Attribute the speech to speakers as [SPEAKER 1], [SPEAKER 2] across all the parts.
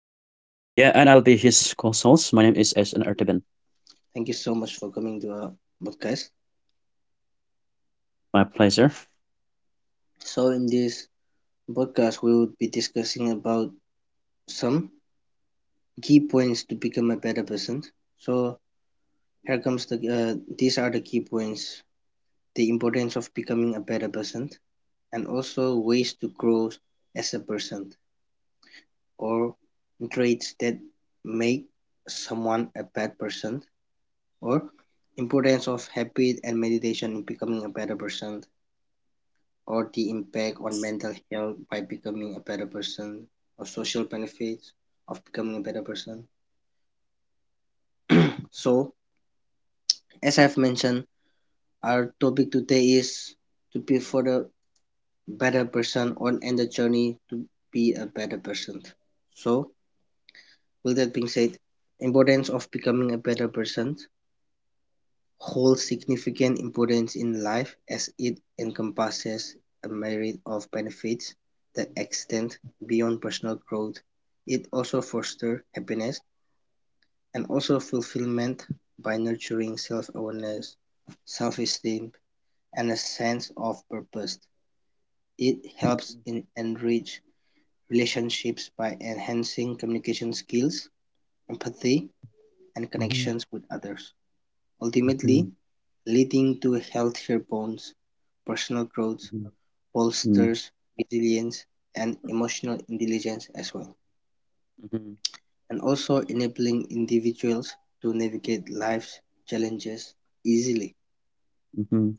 [SPEAKER 1] his co-host. My name is S. N. Erteben.
[SPEAKER 2] Thank you so much for coming to our podcast.
[SPEAKER 1] My pleasure.
[SPEAKER 2] So, in this podcast, we will be discussing about some key points to become a better person. So, here comes the these are the key points. The importance of becoming a better person, and also ways to grow as a person, or traits that make someone a bad person, or importance of habit and meditation in becoming a better person, or the impact on mental health by becoming a better person, or social benefits of becoming a better person. So as I've mentioned, our topic today is to be for the better person on and the journey to be a better person. So, with that being said, importance of becoming a better person holds significant importance in life as it encompasses a myriad of benefits that extend beyond personal growth. It also fosters happiness and also fulfillment by nurturing self-awareness, self-esteem, and a sense of purpose. It helps in enrich relationships by enhancing communication skills, empathy, and
[SPEAKER 1] Mhm,
[SPEAKER 2] connections with others, ultimately
[SPEAKER 1] mhm,
[SPEAKER 2] leading to healthier bonds, personal growth,
[SPEAKER 1] mhm, mhm,
[SPEAKER 2] bolsters resilience, and emotional intelligence as well, and also enabling individuals to navigate life's challenges easily.
[SPEAKER 1] mhm,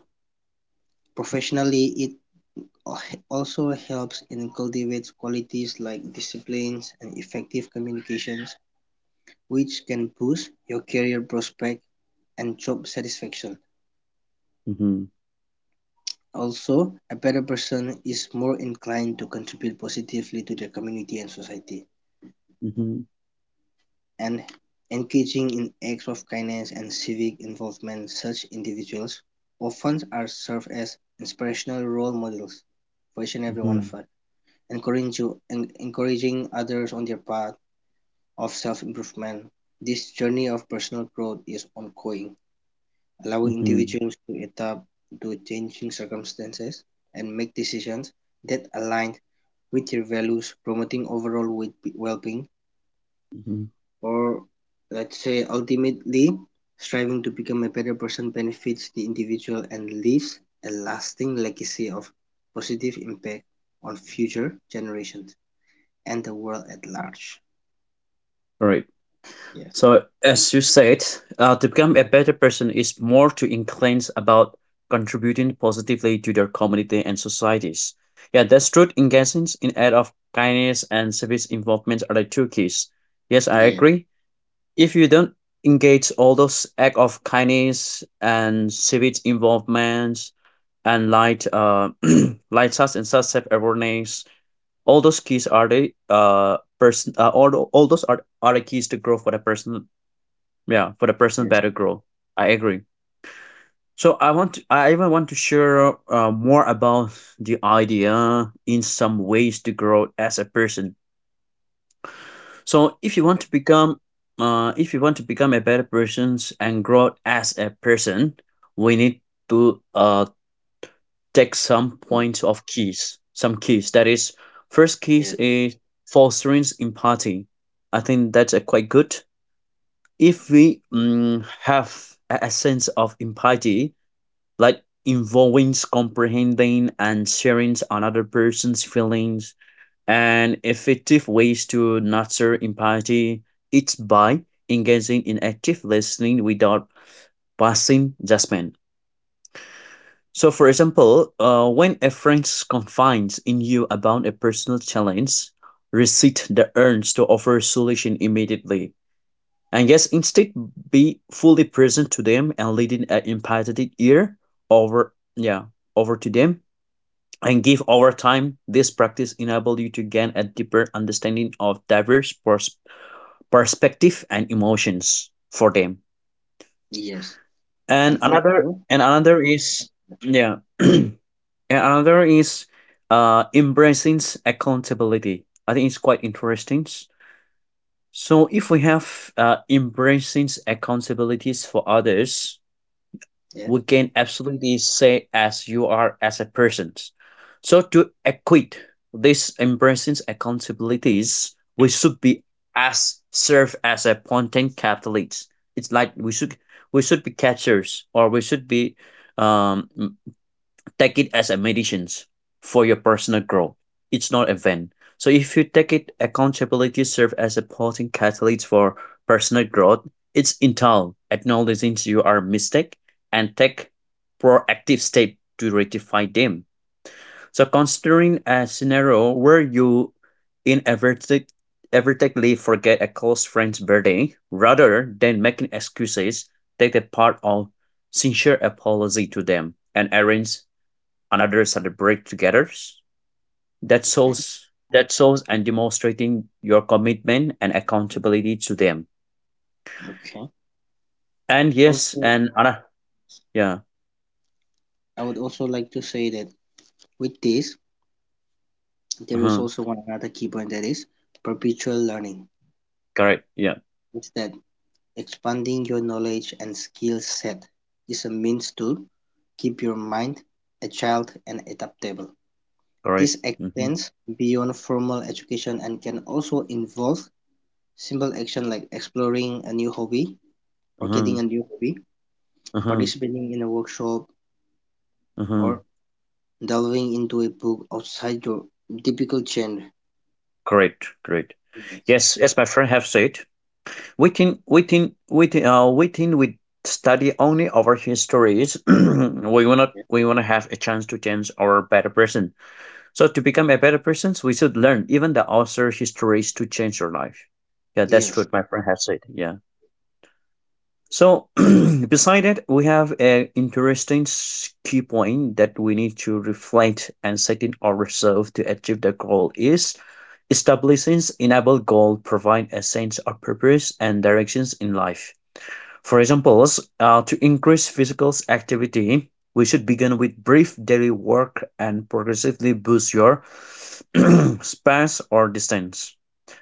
[SPEAKER 2] Professionally, it also helps in cultivates qualities like disciplines and effective communications which can boost your career prospects and job satisfaction.
[SPEAKER 1] mhm,
[SPEAKER 2] Also, a better person is more inclined to contribute positively to their community and society,
[SPEAKER 1] mhm,
[SPEAKER 2] and engaging in acts of kindness and civic involvement. Such individuals often are served as inspirational role models for each and every one
[SPEAKER 1] mhm,
[SPEAKER 2] of us, encouraging, encouraging others on their path of self improvement. This journey of personal growth is ongoing allowing
[SPEAKER 1] mhm, mhm,
[SPEAKER 2] individuals to adapt to changing circumstances and make decisions that align with their values, promoting overall well-being.
[SPEAKER 1] mhm.
[SPEAKER 2] Or let's say ultimately striving to become a better person benefits the individual and leaves a lasting legacy of positive impact on future generations and the world at large.
[SPEAKER 1] All right.
[SPEAKER 2] Yes.
[SPEAKER 1] So, as you said, to become a better person is more to inclined about contributing positively to their community and societies. Yeah, that's true. Engagements in act of kindness and service involvement are the two keys. Yes, I
[SPEAKER 2] Yeah.
[SPEAKER 1] agree. If you don't engage all those act of kindness and civic involvement and light such and such self awareness, all those keys are the person. All those are the keys to grow for the person, yeah, for the personal
[SPEAKER 2] Yes.
[SPEAKER 1] better growth. I agree. So I even want to share, more about the idea in some ways to grow as a person. So if you
[SPEAKER 2] Okay.
[SPEAKER 1] want to become if you want to become a better person and grow as a person, we need to, take some points of keys, some keys. That is, first
[SPEAKER 2] Yeah.
[SPEAKER 1] keys is fostering empathy. I think that's a quite good. If we,
[SPEAKER 2] Yes.
[SPEAKER 1] have a sense of empathy, like involving comprehending and sharing another person's feelings, and effective ways to nurture empathy, it's by engaging in active listening without passing judgment. So for example, when a friend confides in you about a personal challenge, resist the urge to offer a solution immediately, and yes, instead be fully present to them and leading an empathetic ear over yeah over to them. And give Over time, this practice enables you to gain a deeper understanding of diverse perspective and emotions for them.
[SPEAKER 2] Yes. And also,
[SPEAKER 1] And another is, yeah. And another is, embracing accountability. I think it's quite interesting. So if we have embracing accountabilities for others,
[SPEAKER 2] yes.
[SPEAKER 1] we can absolutely say as you are, as a person. So to equate these embracing accountabilities, we should be as serve as a content capitalists. It's like we should, be catchers, or we should be, um take it as a medicines for your personal growth. It's not a event. So if you take it, accountability serves as a potent catalyst for personal growth. It's internal, acknowledging you are mistake and take proactive step to rectify them. So considering a scenario where you inadvertently inadvertently forget a close friend's birthday, rather than making excuses, take the part of sincere apology to them and arrange and others celebrate together. That
[SPEAKER 2] Okay.
[SPEAKER 1] shows that shows and demonstrating your commitment and accountability to them.
[SPEAKER 2] Okay.
[SPEAKER 1] And yes,
[SPEAKER 2] Also,
[SPEAKER 1] and ana yeah,
[SPEAKER 2] I would also like to say that with this, there is
[SPEAKER 1] uh-huh,
[SPEAKER 2] also one another key point that is perpetual learning.
[SPEAKER 1] correct, yeah,
[SPEAKER 2] It's that expanding your knowledge and skill set is a means to keep your mind agile and adaptable.
[SPEAKER 1] correct,
[SPEAKER 2] This
[SPEAKER 1] mm-hmm,
[SPEAKER 2] extends beyond formal education and can also involve simple action like exploring a new hobby or
[SPEAKER 1] uh-huh,
[SPEAKER 2] getting a new hobby,
[SPEAKER 1] uh-huh,
[SPEAKER 2] participating in a workshop,
[SPEAKER 1] uh-huh,
[SPEAKER 2] or delving into a book outside your typical genre.
[SPEAKER 1] correct, correct.
[SPEAKER 2] Yes.
[SPEAKER 1] Yes, as my friend have said, we think we study only our histories. we wanna
[SPEAKER 2] Yeah.
[SPEAKER 1] we wanna have a chance to change our better present. So to become a better person, we should learn even the author histories to change your life. Yeah, that's
[SPEAKER 2] Yes.
[SPEAKER 1] what my friend has said. Yeah. So beside it, we have an interesting key point that we need to reflect and set in ourselves to achieve the goal. Is establishing enable goal provide a sense of purpose and directions in life? For examples, to increase physical activity, we should begin with brief daily work and progressively boost your space or distance.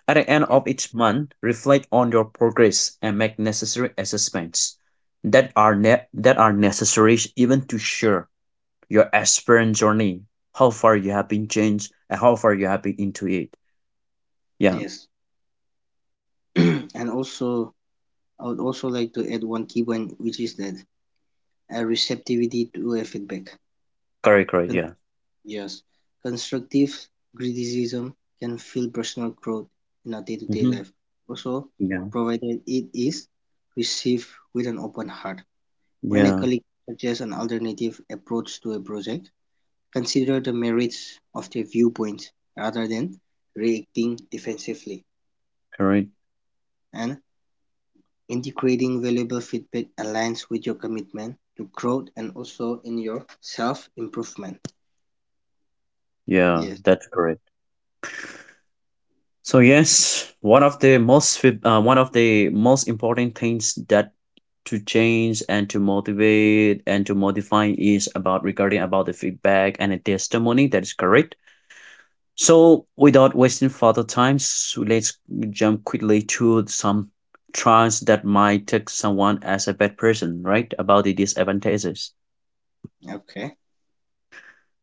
[SPEAKER 1] At the end
[SPEAKER 2] Yeah,
[SPEAKER 1] of each month, reflect on your progress and make necessary assessments that are, necessary, even to share your aspirant journey, how far you have been changed and how far you have been into it. Yeah,
[SPEAKER 2] yes. And also, I would also like to add one key point, which is that a receptivity to a feedback.
[SPEAKER 1] correct, correct,
[SPEAKER 2] Con-
[SPEAKER 1] yeah.
[SPEAKER 2] yes, constructive criticism can fuel personal growth in our day-to-day
[SPEAKER 1] Hmm.
[SPEAKER 2] life. Also,
[SPEAKER 1] Yeah,
[SPEAKER 2] provided it is received with an open heart. When a
[SPEAKER 1] yeah,
[SPEAKER 2] colleague suggests an alternative approach to a project, consider the merits of their viewpoint rather than reacting defensively.
[SPEAKER 1] correct.
[SPEAKER 2] And integrating valuable feedback aligns with your commitment to growth and also in your self-improvement.
[SPEAKER 1] Yeah,
[SPEAKER 2] Yes.
[SPEAKER 1] that's correct. So yes, one of the most important things, that to change and to motivate and to modify is about regarding about the feedback and the testimony. That is correct. So without wasting further time, so let's jump quickly to some trends that might take someone as a bad person, right? About the disadvantages.
[SPEAKER 2] Okay.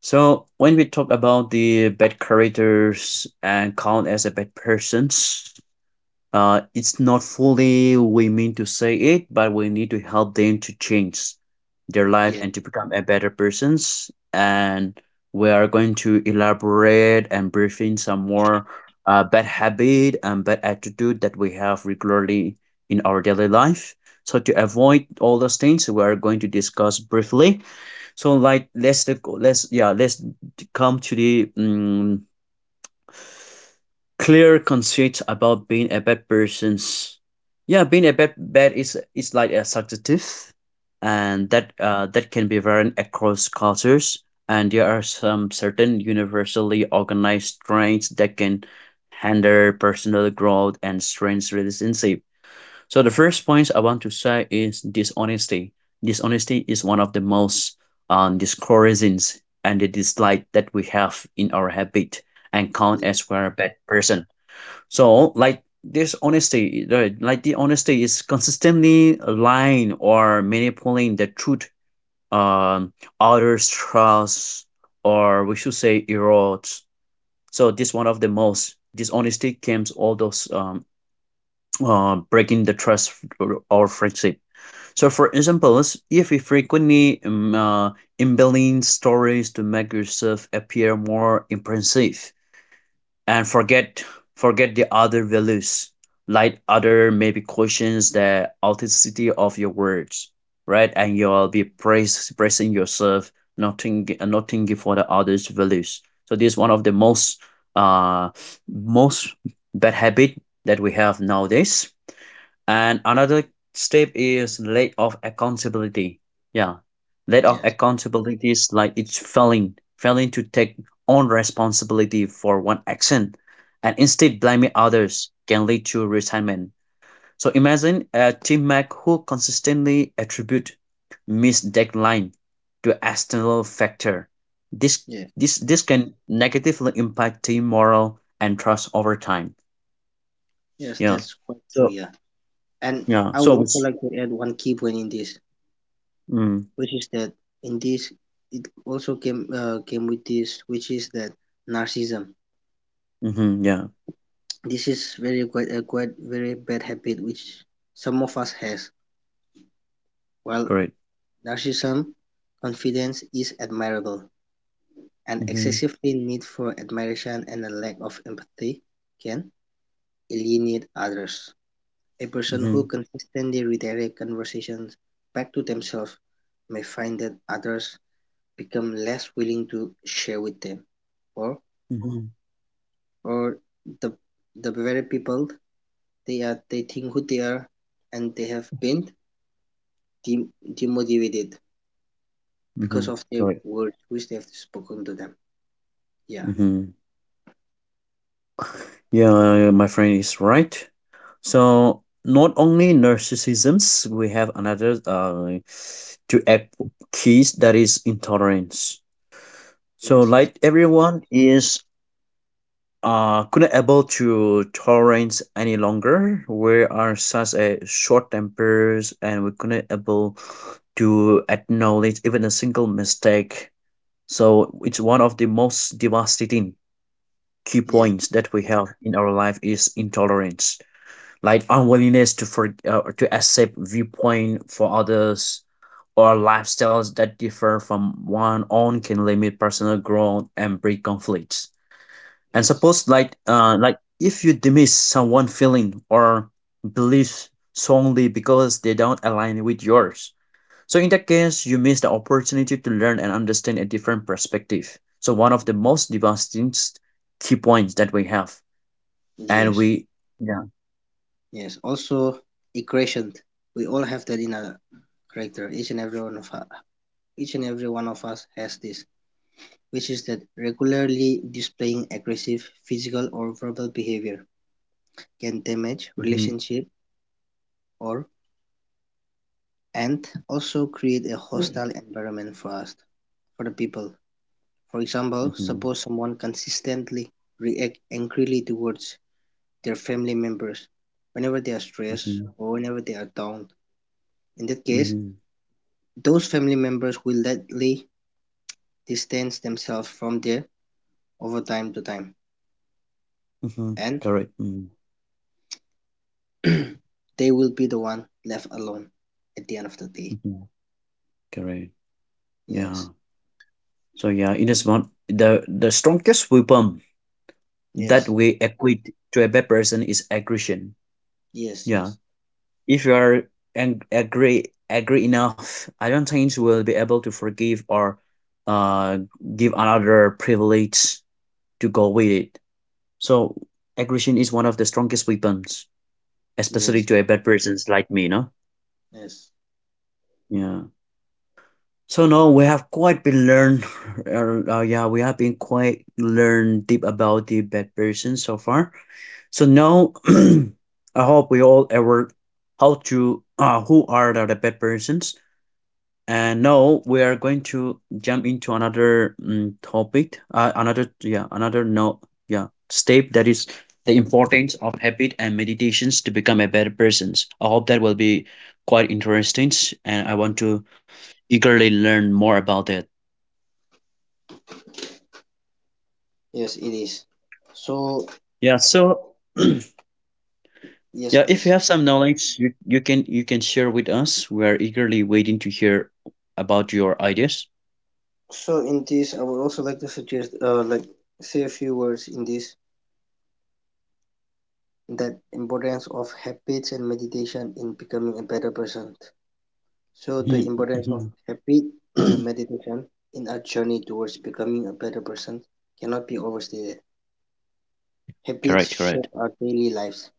[SPEAKER 1] So when we talk about the bad characters and count as a bad persons, it's not fully we mean to say it, but we need to help them to change their life
[SPEAKER 2] Yeah.
[SPEAKER 1] and to become a better persons. And we are going to elaborate and brief in some more, bad habit and bad attitude that we have regularly in our daily life. So to avoid all those things, we are going to discuss briefly. So like, let's come to the, clear constraints about being a bad person's. Yeah, being a bad is like a subjective, and that can be varied across cultures. And there are some certain universally organized traits that can hinder personal growth and strains relationship. So the first point I want to say is dishonesty. Dishonesty is one of the most, discouraging and the dislike that we have in our habit and count
[SPEAKER 2] Yeah.
[SPEAKER 1] as we're a bad person. So like dishonesty, right? Like the honesty is consistently lying or manipulating the truth, um, others' trust, or we should say erodes. So this one of the most dishonesty comes all those, breaking the trust or friendship. So, for example, if you frequently, embelling stories to make yourself appear more impressive and forget the other values, like other maybe questions the authenticity of your words, right? And you'll be praising yourself, not thinking for the others' values. So, this is one of the most, uh, most bad habit that we have nowadays, and another step is lack of accountability. Yeah. Lack of
[SPEAKER 2] Yes.
[SPEAKER 1] accountability is like it's failing to take own responsibility for one action, and instead blaming others can lead to resentment. So imagine a teammate who consistently attribute missed deadline to external factor. This
[SPEAKER 2] Yeah.
[SPEAKER 1] this can negatively impact team morale and trust over time.
[SPEAKER 2] Yes,
[SPEAKER 1] Yeah.
[SPEAKER 2] that's quite true.
[SPEAKER 1] So
[SPEAKER 2] Yeah. And
[SPEAKER 1] yeah.
[SPEAKER 2] I would
[SPEAKER 1] So
[SPEAKER 2] also
[SPEAKER 1] it's,
[SPEAKER 2] like to add one key point in this, which is that in this it also came came with this, which is that narcissism.
[SPEAKER 1] mm-hmm. Yeah.
[SPEAKER 2] This is very quite a quite very bad habit which some of us has. While
[SPEAKER 1] Correct.
[SPEAKER 2] narcissism confidence is admirable. An
[SPEAKER 1] Mm-hmm.
[SPEAKER 2] excessive need for admiration and a lack of empathy can alienate others. A person who
[SPEAKER 1] Mm-hmm.
[SPEAKER 2] consistently redirects conversations back to themselves may find that others become less willing to share with them, or
[SPEAKER 1] Mm-hmm.
[SPEAKER 2] or the the very people they are they think who they are and they have been dem- demotivated
[SPEAKER 1] Mm-hmm.
[SPEAKER 2] because of the
[SPEAKER 1] Correct.
[SPEAKER 2] words which they have spoken to them. Yeah.
[SPEAKER 1] Mm-hmm. Yeah, my friend is right. So not only narcissisms, we have another, to act keys, that is intolerance. So
[SPEAKER 2] Yes.
[SPEAKER 1] like, everyone is, couldn't able to tolerance any longer. We are such a short tempers and we couldn't able to acknowledge even a single mistake. So it's one of the most devastating key
[SPEAKER 2] Yes.
[SPEAKER 1] points that we have in our life, is intolerance, like unwillingness to accept viewpoint for others or lifestyles that differ from one own can limit personal growth and breed conflicts. And
[SPEAKER 2] Yes.
[SPEAKER 1] suppose, like if you dismiss someone feeling or beliefs solely because they don't align with yours, so in that case, you miss the opportunity to learn and understand a different perspective. So one of the most devastating key points that we have, and
[SPEAKER 2] Yes.
[SPEAKER 1] we yeah.
[SPEAKER 2] Yes, also equations. We all have that in our character. Each and every one of us, each and every one of us has this, which is that regularly displaying aggressive physical or verbal behavior can damage
[SPEAKER 1] Hmm.
[SPEAKER 2] relationship or and also create a
[SPEAKER 1] Mm.
[SPEAKER 2] hostile environment for us, for the people. For example,
[SPEAKER 1] Mm-hmm.
[SPEAKER 2] suppose someone consistently react angrily towards their family members whenever they are stressed
[SPEAKER 1] Mm-hmm.
[SPEAKER 2] or whenever they are down. In that case,
[SPEAKER 1] Mm-hmm.
[SPEAKER 2] those family members will likely distance themselves from their over time to time,
[SPEAKER 1] Hmm.
[SPEAKER 2] and
[SPEAKER 1] Correct. Mm-hmm.
[SPEAKER 2] they will be the one left alone at the end of the day.
[SPEAKER 1] Mm-hmm. Correct. Yeah.
[SPEAKER 2] Yes,
[SPEAKER 1] So yeah, in a smart, the strongest weapon that
[SPEAKER 2] yes,
[SPEAKER 1] we equate to a bad person is aggression.
[SPEAKER 2] yes,
[SPEAKER 1] Yeah.
[SPEAKER 2] yes,
[SPEAKER 1] If you are agree enough, I don't think you will be able to forgive, or, uh, give another privilege to go with it. So aggression is one of the strongest weapons, especially
[SPEAKER 2] yes,
[SPEAKER 1] to a bad persons like me, no?
[SPEAKER 2] yes,
[SPEAKER 1] Yeah. So now we have quite been learned, yeah, we have been quite learned deep about the bad person so far. So now, I hope we all ever how to who are the bad persons. And now we are going to jump into another, topic, another yeah, another no yeah step, that is the importance of habit and meditations to become a better persons. I hope that will be quite interesting, and I want to eagerly learn more about it.
[SPEAKER 2] yes, it is. So,
[SPEAKER 1] Yeah, so yeah,
[SPEAKER 2] yes,
[SPEAKER 1] if you
[SPEAKER 2] please.
[SPEAKER 1] have some knowledge, you can share with us. We are eagerly waiting to hear about your ideas.
[SPEAKER 2] So, in this, I would also like to suggest, like, say a few words in this that importance of habits and meditation in becoming a better person. So the
[SPEAKER 1] Mhm,
[SPEAKER 2] importance of
[SPEAKER 1] mhm.
[SPEAKER 2] habit and meditation in our journey towards becoming a better person cannot be overstated. Habits
[SPEAKER 1] Correct,
[SPEAKER 2] shape
[SPEAKER 1] correct.
[SPEAKER 2] our daily lives,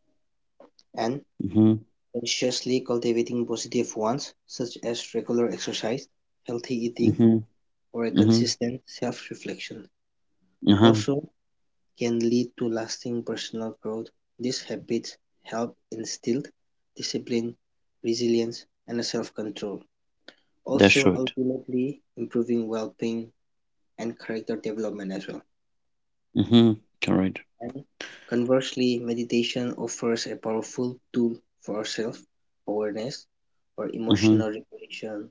[SPEAKER 2] and
[SPEAKER 1] Mm-hmm,
[SPEAKER 2] consciously cultivating positive ones, such as regular exercise, healthy eating,
[SPEAKER 1] mm-hmm,
[SPEAKER 2] or a
[SPEAKER 1] mm-hmm,
[SPEAKER 2] consistent self reflection,
[SPEAKER 1] uh-huh.
[SPEAKER 2] also can lead to lasting personal growth. These habits help instill discipline, resilience, and self control,
[SPEAKER 1] That's
[SPEAKER 2] also
[SPEAKER 1] right.
[SPEAKER 2] ultimately improving well being and character development as well.
[SPEAKER 1] Mhm. Correct.
[SPEAKER 2] And conversely, meditation offers a powerful tool for self awareness or emotional
[SPEAKER 1] Mhm.
[SPEAKER 2] regulation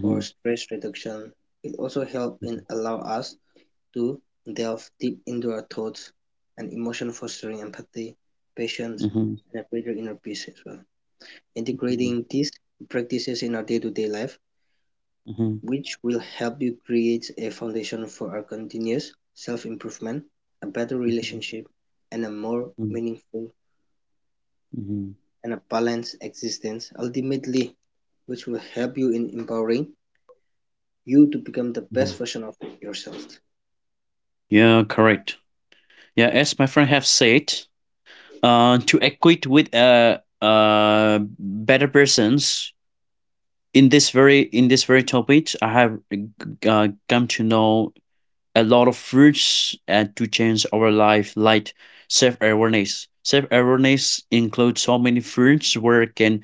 [SPEAKER 2] or stress reduction. It also helps in allow us to delve deep into our thoughts and emotion fostering empathy, patience,
[SPEAKER 1] Mhm.
[SPEAKER 2] and a greater inner peace as well.
[SPEAKER 1] Mhm.
[SPEAKER 2] Integrating these practices in our day-to-day life
[SPEAKER 1] Mhm.
[SPEAKER 2] which will help you create a foundation for a continuous self-improvement, a better
[SPEAKER 1] Mhm.
[SPEAKER 2] relationship, and a more
[SPEAKER 1] Mhm.
[SPEAKER 2] meaningful
[SPEAKER 1] Mhm.
[SPEAKER 2] and a balanced existence, ultimately, which will help you in empowering you to become the
[SPEAKER 1] Mhm.
[SPEAKER 2] best version of yourself.
[SPEAKER 1] Yeah, correct. Yeah, as my friend have said, to equate with, better persons, in this very topic, I have, come to know a lot of fruits, to change our life, like self awareness. Self awareness includes so many fruits where it can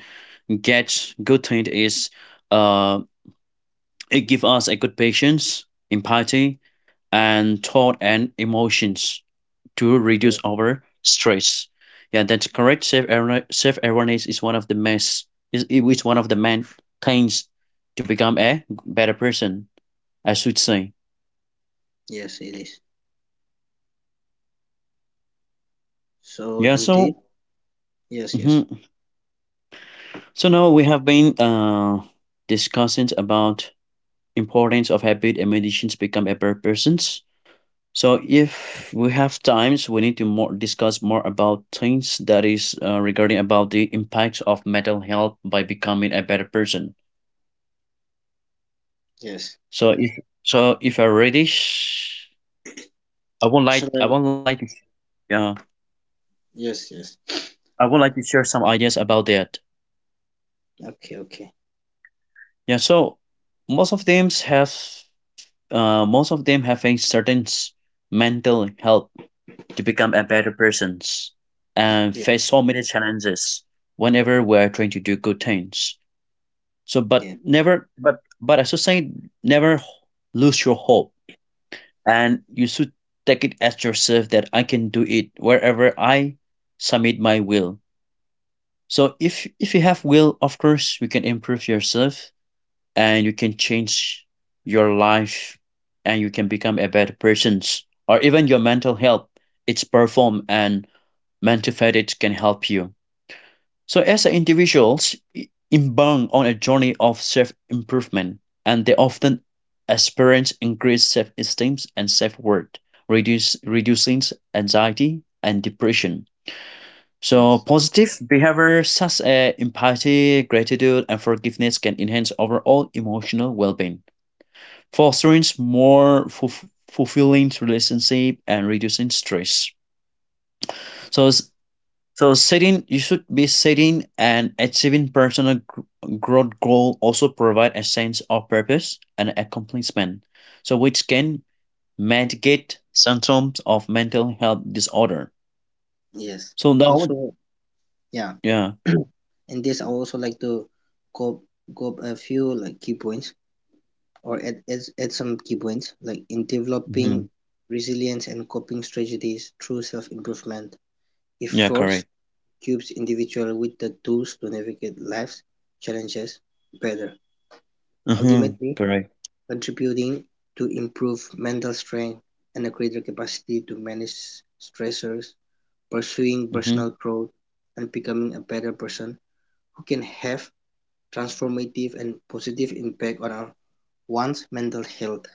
[SPEAKER 1] get good thing is, uh it give us a good patience, empathy, and thought and emotions to
[SPEAKER 2] Yeah.
[SPEAKER 1] reduce our stress. Yeah, that's correct. Self awareness is one of the main things to become a better person, I should say.
[SPEAKER 2] Yes, it is. So
[SPEAKER 1] Yeah,
[SPEAKER 2] indeed,
[SPEAKER 1] so,
[SPEAKER 2] yes, yes,
[SPEAKER 1] hmm so now we have been, discussing about importance of habit and meditations become a better persons. So if we have times, we need to more discuss more about things that is regarding about the impacts of mental health by becoming a better person.
[SPEAKER 2] yes.
[SPEAKER 1] So If I ready, I not
[SPEAKER 2] Should
[SPEAKER 1] like I
[SPEAKER 2] I?
[SPEAKER 1] won't like to yeah,
[SPEAKER 2] Yes, yes.
[SPEAKER 1] I would like to share some ideas about that.
[SPEAKER 2] Okay, okay.
[SPEAKER 1] Yeah. So most of them have most of them have a certain mental health to become a better persons and
[SPEAKER 2] Yeah,
[SPEAKER 1] face so many challenges whenever we are trying to do good things. So, but
[SPEAKER 2] yeah,
[SPEAKER 1] never, but as I saying, never lose your hope, and you should take it as yourself that I can do it wherever I submit my will. So, if you have will, of course, you can improve yourself and you can change your life, and you can become a better person, or even your mental health. It's perform and mental fatigue can help you. So, as an individuals embark on a journey of self improvement, and they often experience increased self esteem and self worth, reducing anxiety and depression. So,
[SPEAKER 2] yes,
[SPEAKER 1] positive behavior such as empathy, gratitude, and forgiveness can enhance overall emotional well being, fostering more fulfilling relationship and reducing stress. So, s- so setting you should be setting and achieving personal growth goal also provide a sense of purpose and accomplishment. So which can mitigate symptoms of mental health disorder.
[SPEAKER 2] yes.
[SPEAKER 1] So now,
[SPEAKER 2] Also, yeah.
[SPEAKER 1] yeah,
[SPEAKER 2] And this, I also like to go go a few like key points, or at at some key points, like in
[SPEAKER 1] hmm
[SPEAKER 2] developing resilience and coping strategies through self-improvement.
[SPEAKER 1] yeah,
[SPEAKER 2] Efforts
[SPEAKER 1] correct,
[SPEAKER 2] equips individuals with the tools to navigate life's challenges better,
[SPEAKER 1] hmm
[SPEAKER 2] ultimately
[SPEAKER 1] correct,
[SPEAKER 2] contributing to improve mental strength and a greater capacity to manage stressors, pursuing
[SPEAKER 1] hmm
[SPEAKER 2] personal growth, and becoming a better person who can have transformative and positive impact on our one's mental health,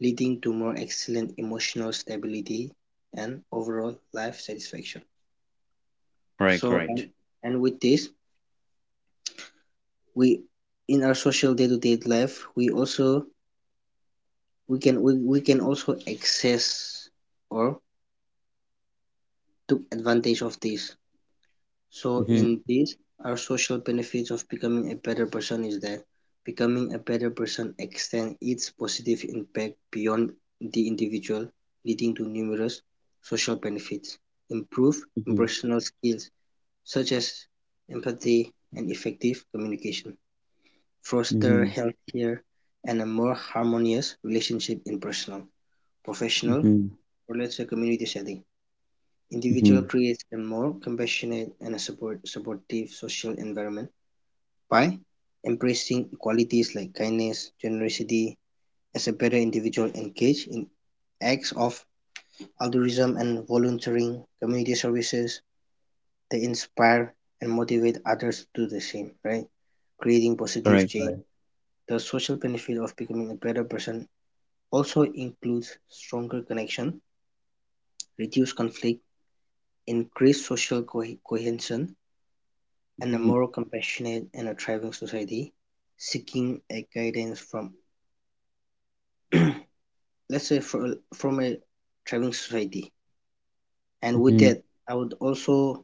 [SPEAKER 2] leading to more excellent emotional stability and overall life satisfaction.
[SPEAKER 1] correct,
[SPEAKER 2] So
[SPEAKER 1] correct,
[SPEAKER 2] and with this, we in our social day-to-day life, we also we can also access or took advantage of this. So
[SPEAKER 1] hmm
[SPEAKER 2] in this, our social benefits of becoming a better person is that becoming a better person extends its positive impact beyond the individual, leading to numerous social benefits. Improve
[SPEAKER 1] hmm
[SPEAKER 2] interpersonal skills such as empathy and effective communication. Foster
[SPEAKER 1] hmm
[SPEAKER 2] healthier and a more harmonious relationship in personal, professional,
[SPEAKER 1] hmm
[SPEAKER 2] or let's say community setting. Individual
[SPEAKER 1] hmm
[SPEAKER 2] creates a more compassionate and support supportive social environment by embracing qualities like kindness, generosity, as a better individual engage in acts of altruism and volunteering, community services, they inspire and motivate others to do the same, right? Creating positive
[SPEAKER 1] correct,
[SPEAKER 2] change.
[SPEAKER 1] correct.
[SPEAKER 2] The social benefit of becoming a better person also includes stronger connection, reduced conflict, increased social cohesion, and a
[SPEAKER 1] Hmm
[SPEAKER 2] more compassionate and a thriving society, seeking a guidance from let's say from a thriving society. And with
[SPEAKER 1] hmm
[SPEAKER 2] that, I would also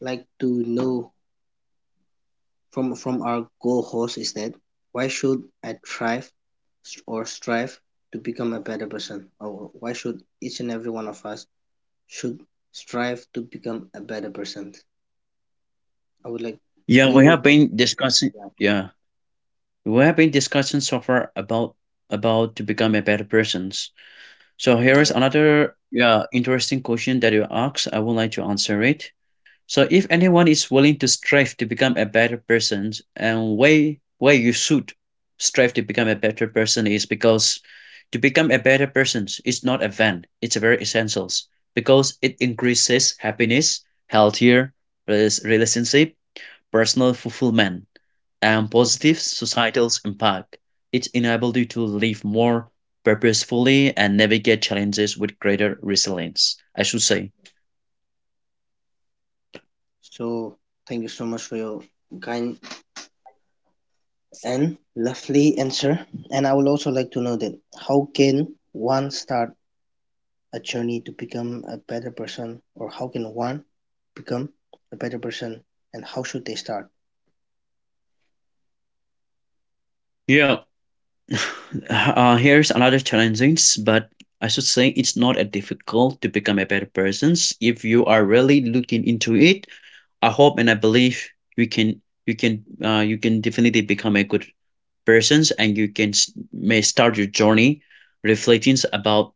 [SPEAKER 2] like to know from our co-host is that why should I thrive or strive to become a better person, or why should each and every one of us should strive to become a better person? I would like
[SPEAKER 1] yeah,
[SPEAKER 2] we
[SPEAKER 1] we
[SPEAKER 2] would
[SPEAKER 1] have been discussing.
[SPEAKER 2] yeah
[SPEAKER 1] Yeah. We have been discussing so far about to become a better persons. So here is
[SPEAKER 2] yeah.
[SPEAKER 1] another yeah interesting question that you asked. I would like to answer it. So if anyone is willing to strive to become a better person, and way why you should strive to become a better person is because to become a better person is not a van. It's a very essentials because it increases happiness, healthier res relationship, personal fulfillment, and
[SPEAKER 2] Yeah.
[SPEAKER 1] positive societal impact. It enabled you to live more purposefully and navigate challenges with greater resilience, I should say.
[SPEAKER 2] So thank you so much for your kind and lovely answer, and I would also like to know that how can one start a journey to become a better person, or how can one become a better person, and how should they start?
[SPEAKER 1] Yeah, here's another challenging, but I should say it's not a difficult to become a better person if you are really looking into it. I hope and I believe you can you can definitely become a good persons and you can may start your journey reflecting about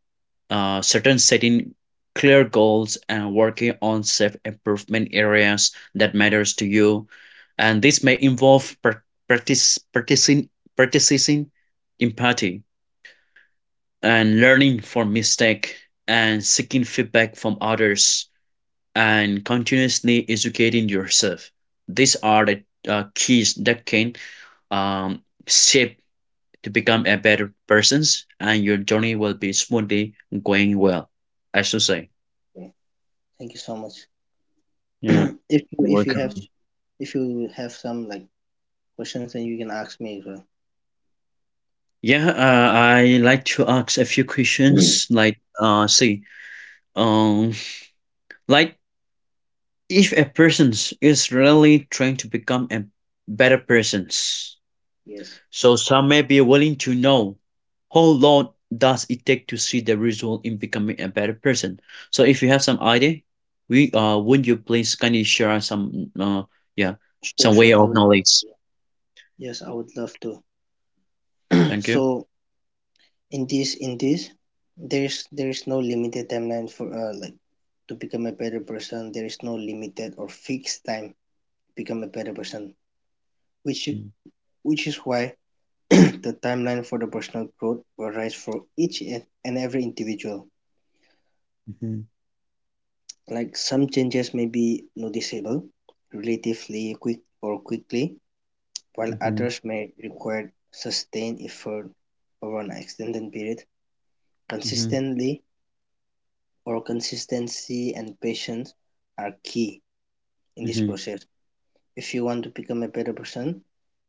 [SPEAKER 1] certain setting clear goals and working on self improvement areas that matters to you and this may involve prac- practice practicing practicing empathy and learning from mistake and seeking feedback from others and continuously educating yourself. These are the keys that can um, shape to become a better persons, and your journey will be smoothly going well, I should say.
[SPEAKER 2] Yeah. Thank you so much.
[SPEAKER 1] Yeah,
[SPEAKER 2] if you if you have if you have some like questions then you can ask me as well.
[SPEAKER 1] yeah, I like to ask a few
[SPEAKER 2] Mm.
[SPEAKER 1] questions like see. um like if a person is really trying to become a better person,
[SPEAKER 2] Yes.
[SPEAKER 1] so some may be willing to know how long does it take to see the result in becoming a better person. So if you have some idea, we would you please kindly share us some yeah
[SPEAKER 2] Sure,
[SPEAKER 1] some
[SPEAKER 2] sure.
[SPEAKER 1] way
[SPEAKER 2] I
[SPEAKER 1] of
[SPEAKER 2] would
[SPEAKER 1] knowledge.
[SPEAKER 2] yes, I would love to.
[SPEAKER 1] Thank you.
[SPEAKER 2] So in this there's no limited timeline for like, to become a better person there is no limited or fixed time to become a better person, which which is why the timeline for the personal growth varies for each and every individual,
[SPEAKER 1] Mm-hmm,
[SPEAKER 2] like some changes may be noticeable relatively quick or quickly while
[SPEAKER 1] mm-hmm,
[SPEAKER 2] others may require sustained effort over an extended period
[SPEAKER 1] mm-hmm,
[SPEAKER 2] consistently. Or consistency and patience are key in this
[SPEAKER 1] mm-hmm,
[SPEAKER 2] process. If you want to become a better person,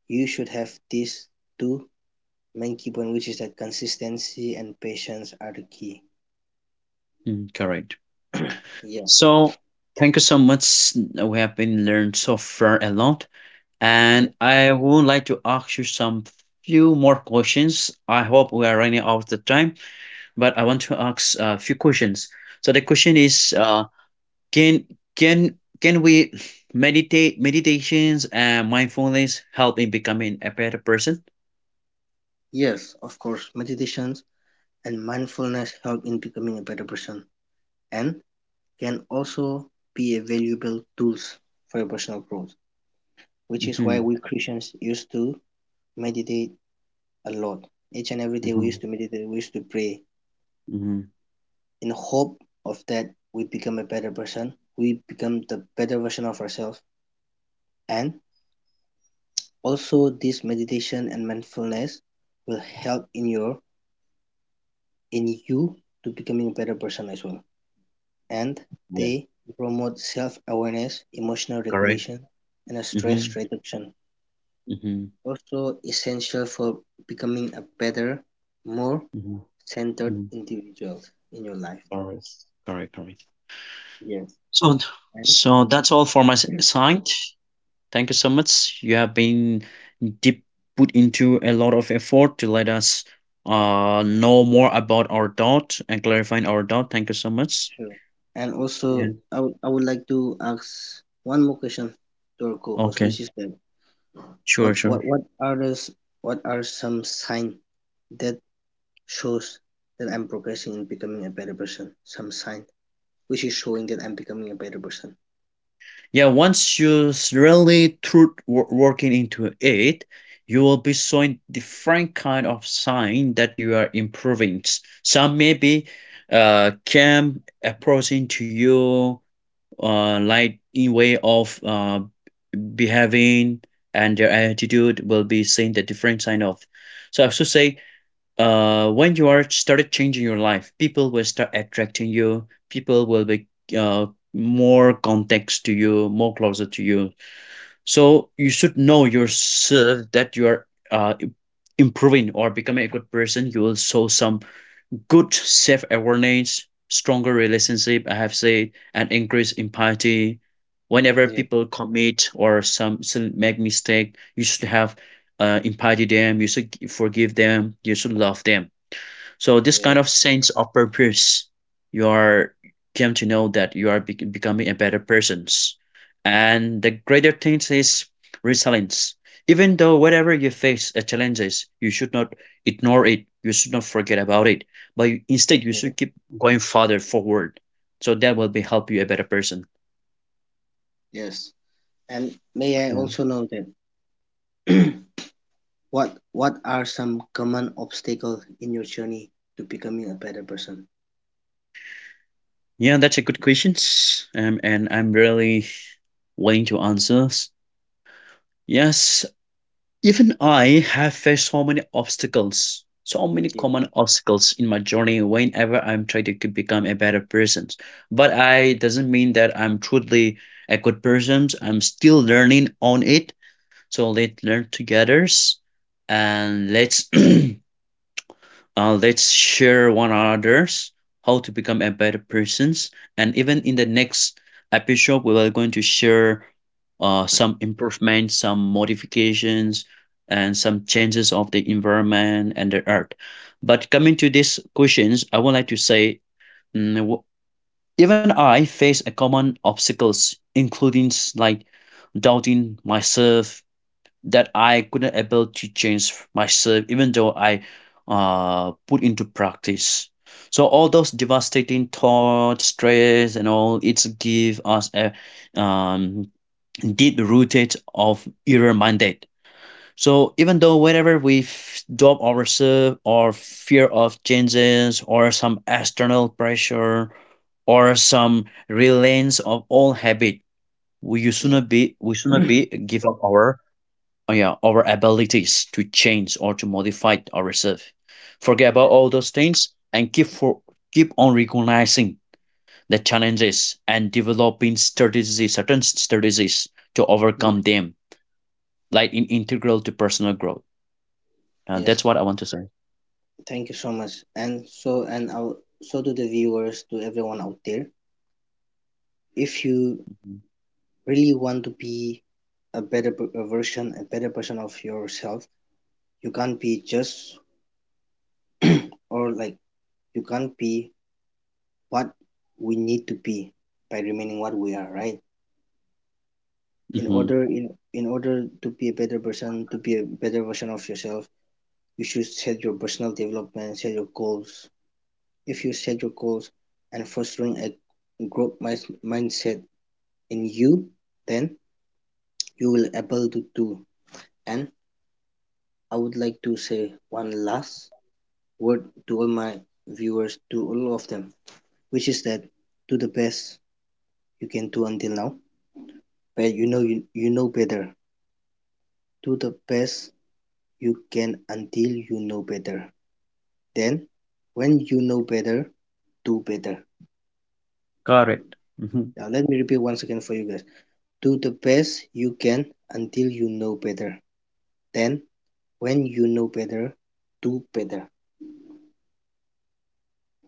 [SPEAKER 2] you should have these two main key points, which is that consistency and patience are the key.
[SPEAKER 1] mm-hmm, correct.
[SPEAKER 2] Yeah,
[SPEAKER 1] So thank you so much. We have been learned so far a lot,
[SPEAKER 2] yeah,
[SPEAKER 1] and I would like to ask you some few more questions. I hope we are running out of the time. But I want to ask a few questions. So the question
[SPEAKER 2] yeah.
[SPEAKER 1] is, can can we meditate meditations and mindfulness help in becoming a better person?
[SPEAKER 2] Yes, of course, meditations and mindfulness help in becoming a better person and can also be a valuable tools for your personal growth, which is why
[SPEAKER 1] Mm-hmm.
[SPEAKER 2] we Christians used to meditate a lot. Each and every day we
[SPEAKER 1] Mm-hmm.
[SPEAKER 2] used to meditate, we used to pray,
[SPEAKER 1] Mm-hmm.
[SPEAKER 2] in hope of that we become a better person, we become the better version of ourselves. And also this meditation and mindfulness will help in your in you to becoming a better person as well. And
[SPEAKER 1] Yeah.
[SPEAKER 2] they promote self-awareness, emotional
[SPEAKER 1] Correct.
[SPEAKER 2] regulation, and a
[SPEAKER 1] Mm-hmm.
[SPEAKER 2] stress reduction.
[SPEAKER 1] Mm-hmm.
[SPEAKER 2] Also essential for becoming a better, more
[SPEAKER 1] Mm-hmm.
[SPEAKER 2] centered
[SPEAKER 1] Mm-hmm.
[SPEAKER 2] individual in your life.
[SPEAKER 1] Correct. Correct. Correct.
[SPEAKER 2] Yes.
[SPEAKER 1] So
[SPEAKER 2] And
[SPEAKER 1] so that's all for my side. Thank you so much. You have been did put into a lot of effort to let us know more about our doubt and clarifying our doubt. Thank you so much.
[SPEAKER 2] sure. And
[SPEAKER 1] Yeah.
[SPEAKER 2] also, I would like to ask one more question to our co-host,
[SPEAKER 1] Okay.
[SPEAKER 2] which is that
[SPEAKER 1] Sure.
[SPEAKER 2] what
[SPEAKER 1] Sure.
[SPEAKER 2] what what are the what are some sign that shows that I'm progressing in becoming a better person? Some sign which is showing that I'm becoming a better person.
[SPEAKER 1] Yeah. Once you really through working into it, you will be showing different kind of sign that you are improving. Some maybe came approaching to you light in way of behaving, and their attitude will be seeing the different sign of, so I should say, when you are started changing your life, people will start attracting you, people will be uh, more context to you, more closer to you. So you should know yourself that you are uh, improving or becoming a good person. You will show some good self-awareness, stronger relationship, I have said, and increased empathy. Whenever
[SPEAKER 2] Yeah,
[SPEAKER 1] people commit or some make mistake, you should have empathy them. You should forgive them. You should love them. So this
[SPEAKER 2] yeah,
[SPEAKER 1] kind of sense of purpose, you are came to know that you are becoming a better persons. And the greater thing is resilience. Even though whatever you face the challenges, you should not ignore it. You should not forget about it. But instead, you
[SPEAKER 2] yeah.
[SPEAKER 1] should keep going further forward. So that will be help you a better person.
[SPEAKER 2] Yes. And may I
[SPEAKER 1] Yeah.
[SPEAKER 2] also know that what are some common obstacles in your journey to becoming a better person?
[SPEAKER 1] Yeah, that's a good questions. And I'm really willing to answer. Yes, even I have faced so many obstacles, so many
[SPEAKER 2] Yeah,
[SPEAKER 1] common obstacles in my journey whenever I'm trying to become a better person. But I doesn't mean that I'm truly a good person. I'm still learning on it. So let's learn together and let's let's share one another's how to become a better persons. And even in the next episode, we are going to share some improvements, some modifications, and some changes of the environment and the earth. But coming to these questions, I would like to say mm, w- even I face a common obstacles, including like doubting myself that I couldn't able to change myself even though I put into practice. So all those devastating thoughts, stress, and all it's give us a um, deep rooted of error minded. So even though whenever we doubt ourselves or fear of changes or some external pressure or some reliance of all habit,
[SPEAKER 2] yeah.
[SPEAKER 1] we should not
[SPEAKER 2] Yeah,
[SPEAKER 1] be give up our yeah, our abilities to change or to modify ourselves. Forget about all those things and keep on recognizing the challenges and developing strategies, certain strategies to
[SPEAKER 2] yeah.
[SPEAKER 1] overcome them, like in integral to personal growth. That's
[SPEAKER 2] Yes.
[SPEAKER 1] what I want to say.
[SPEAKER 2] Thank you so much. And so and I'll, so to the viewers, to everyone out there, if you
[SPEAKER 1] Mhm.
[SPEAKER 2] really want to be a better a version, a better version of yourself, you can't be just or like you can't be what we need to be by remaining what we are, right? In
[SPEAKER 1] Mhm.
[SPEAKER 2] order in in order to be a better person, to be a better version of yourself, you should set your personal development, set your goals. If you set your goals and fostering a growth mindset in you, then you will able to do. And I would like to say one last word to all my viewers, to all of them, which is that do the best you can do until now, but you know better. Do the best you can until you know better. Then, when you know better, do better.
[SPEAKER 1] Correct. Hmm
[SPEAKER 2] Now, let me repeat once again for you guys. Do the best you can until you know better. Then, when you know better, do better.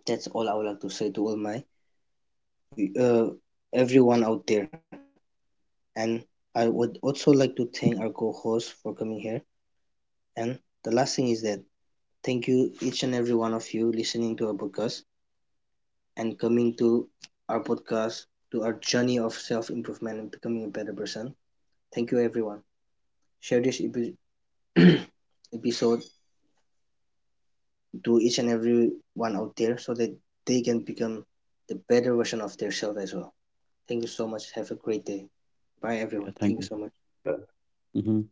[SPEAKER 2] That's all I would like to say to all my uh, everyone out there. And I would also like to thank our co-host for coming here. And the last thing is that thank you each and every one of you listening to our podcast and coming to our podcast to our journey of self-improvement and becoming a better person. Thank you everyone. Share this episode to each and every one out there so that they can become the better version of their self as well. Thank you so much. Have a great day. Bye,
[SPEAKER 1] yeah,
[SPEAKER 2] everyone.
[SPEAKER 1] thank
[SPEAKER 2] Thank you
[SPEAKER 1] you.
[SPEAKER 2] so much.
[SPEAKER 1] Mhm.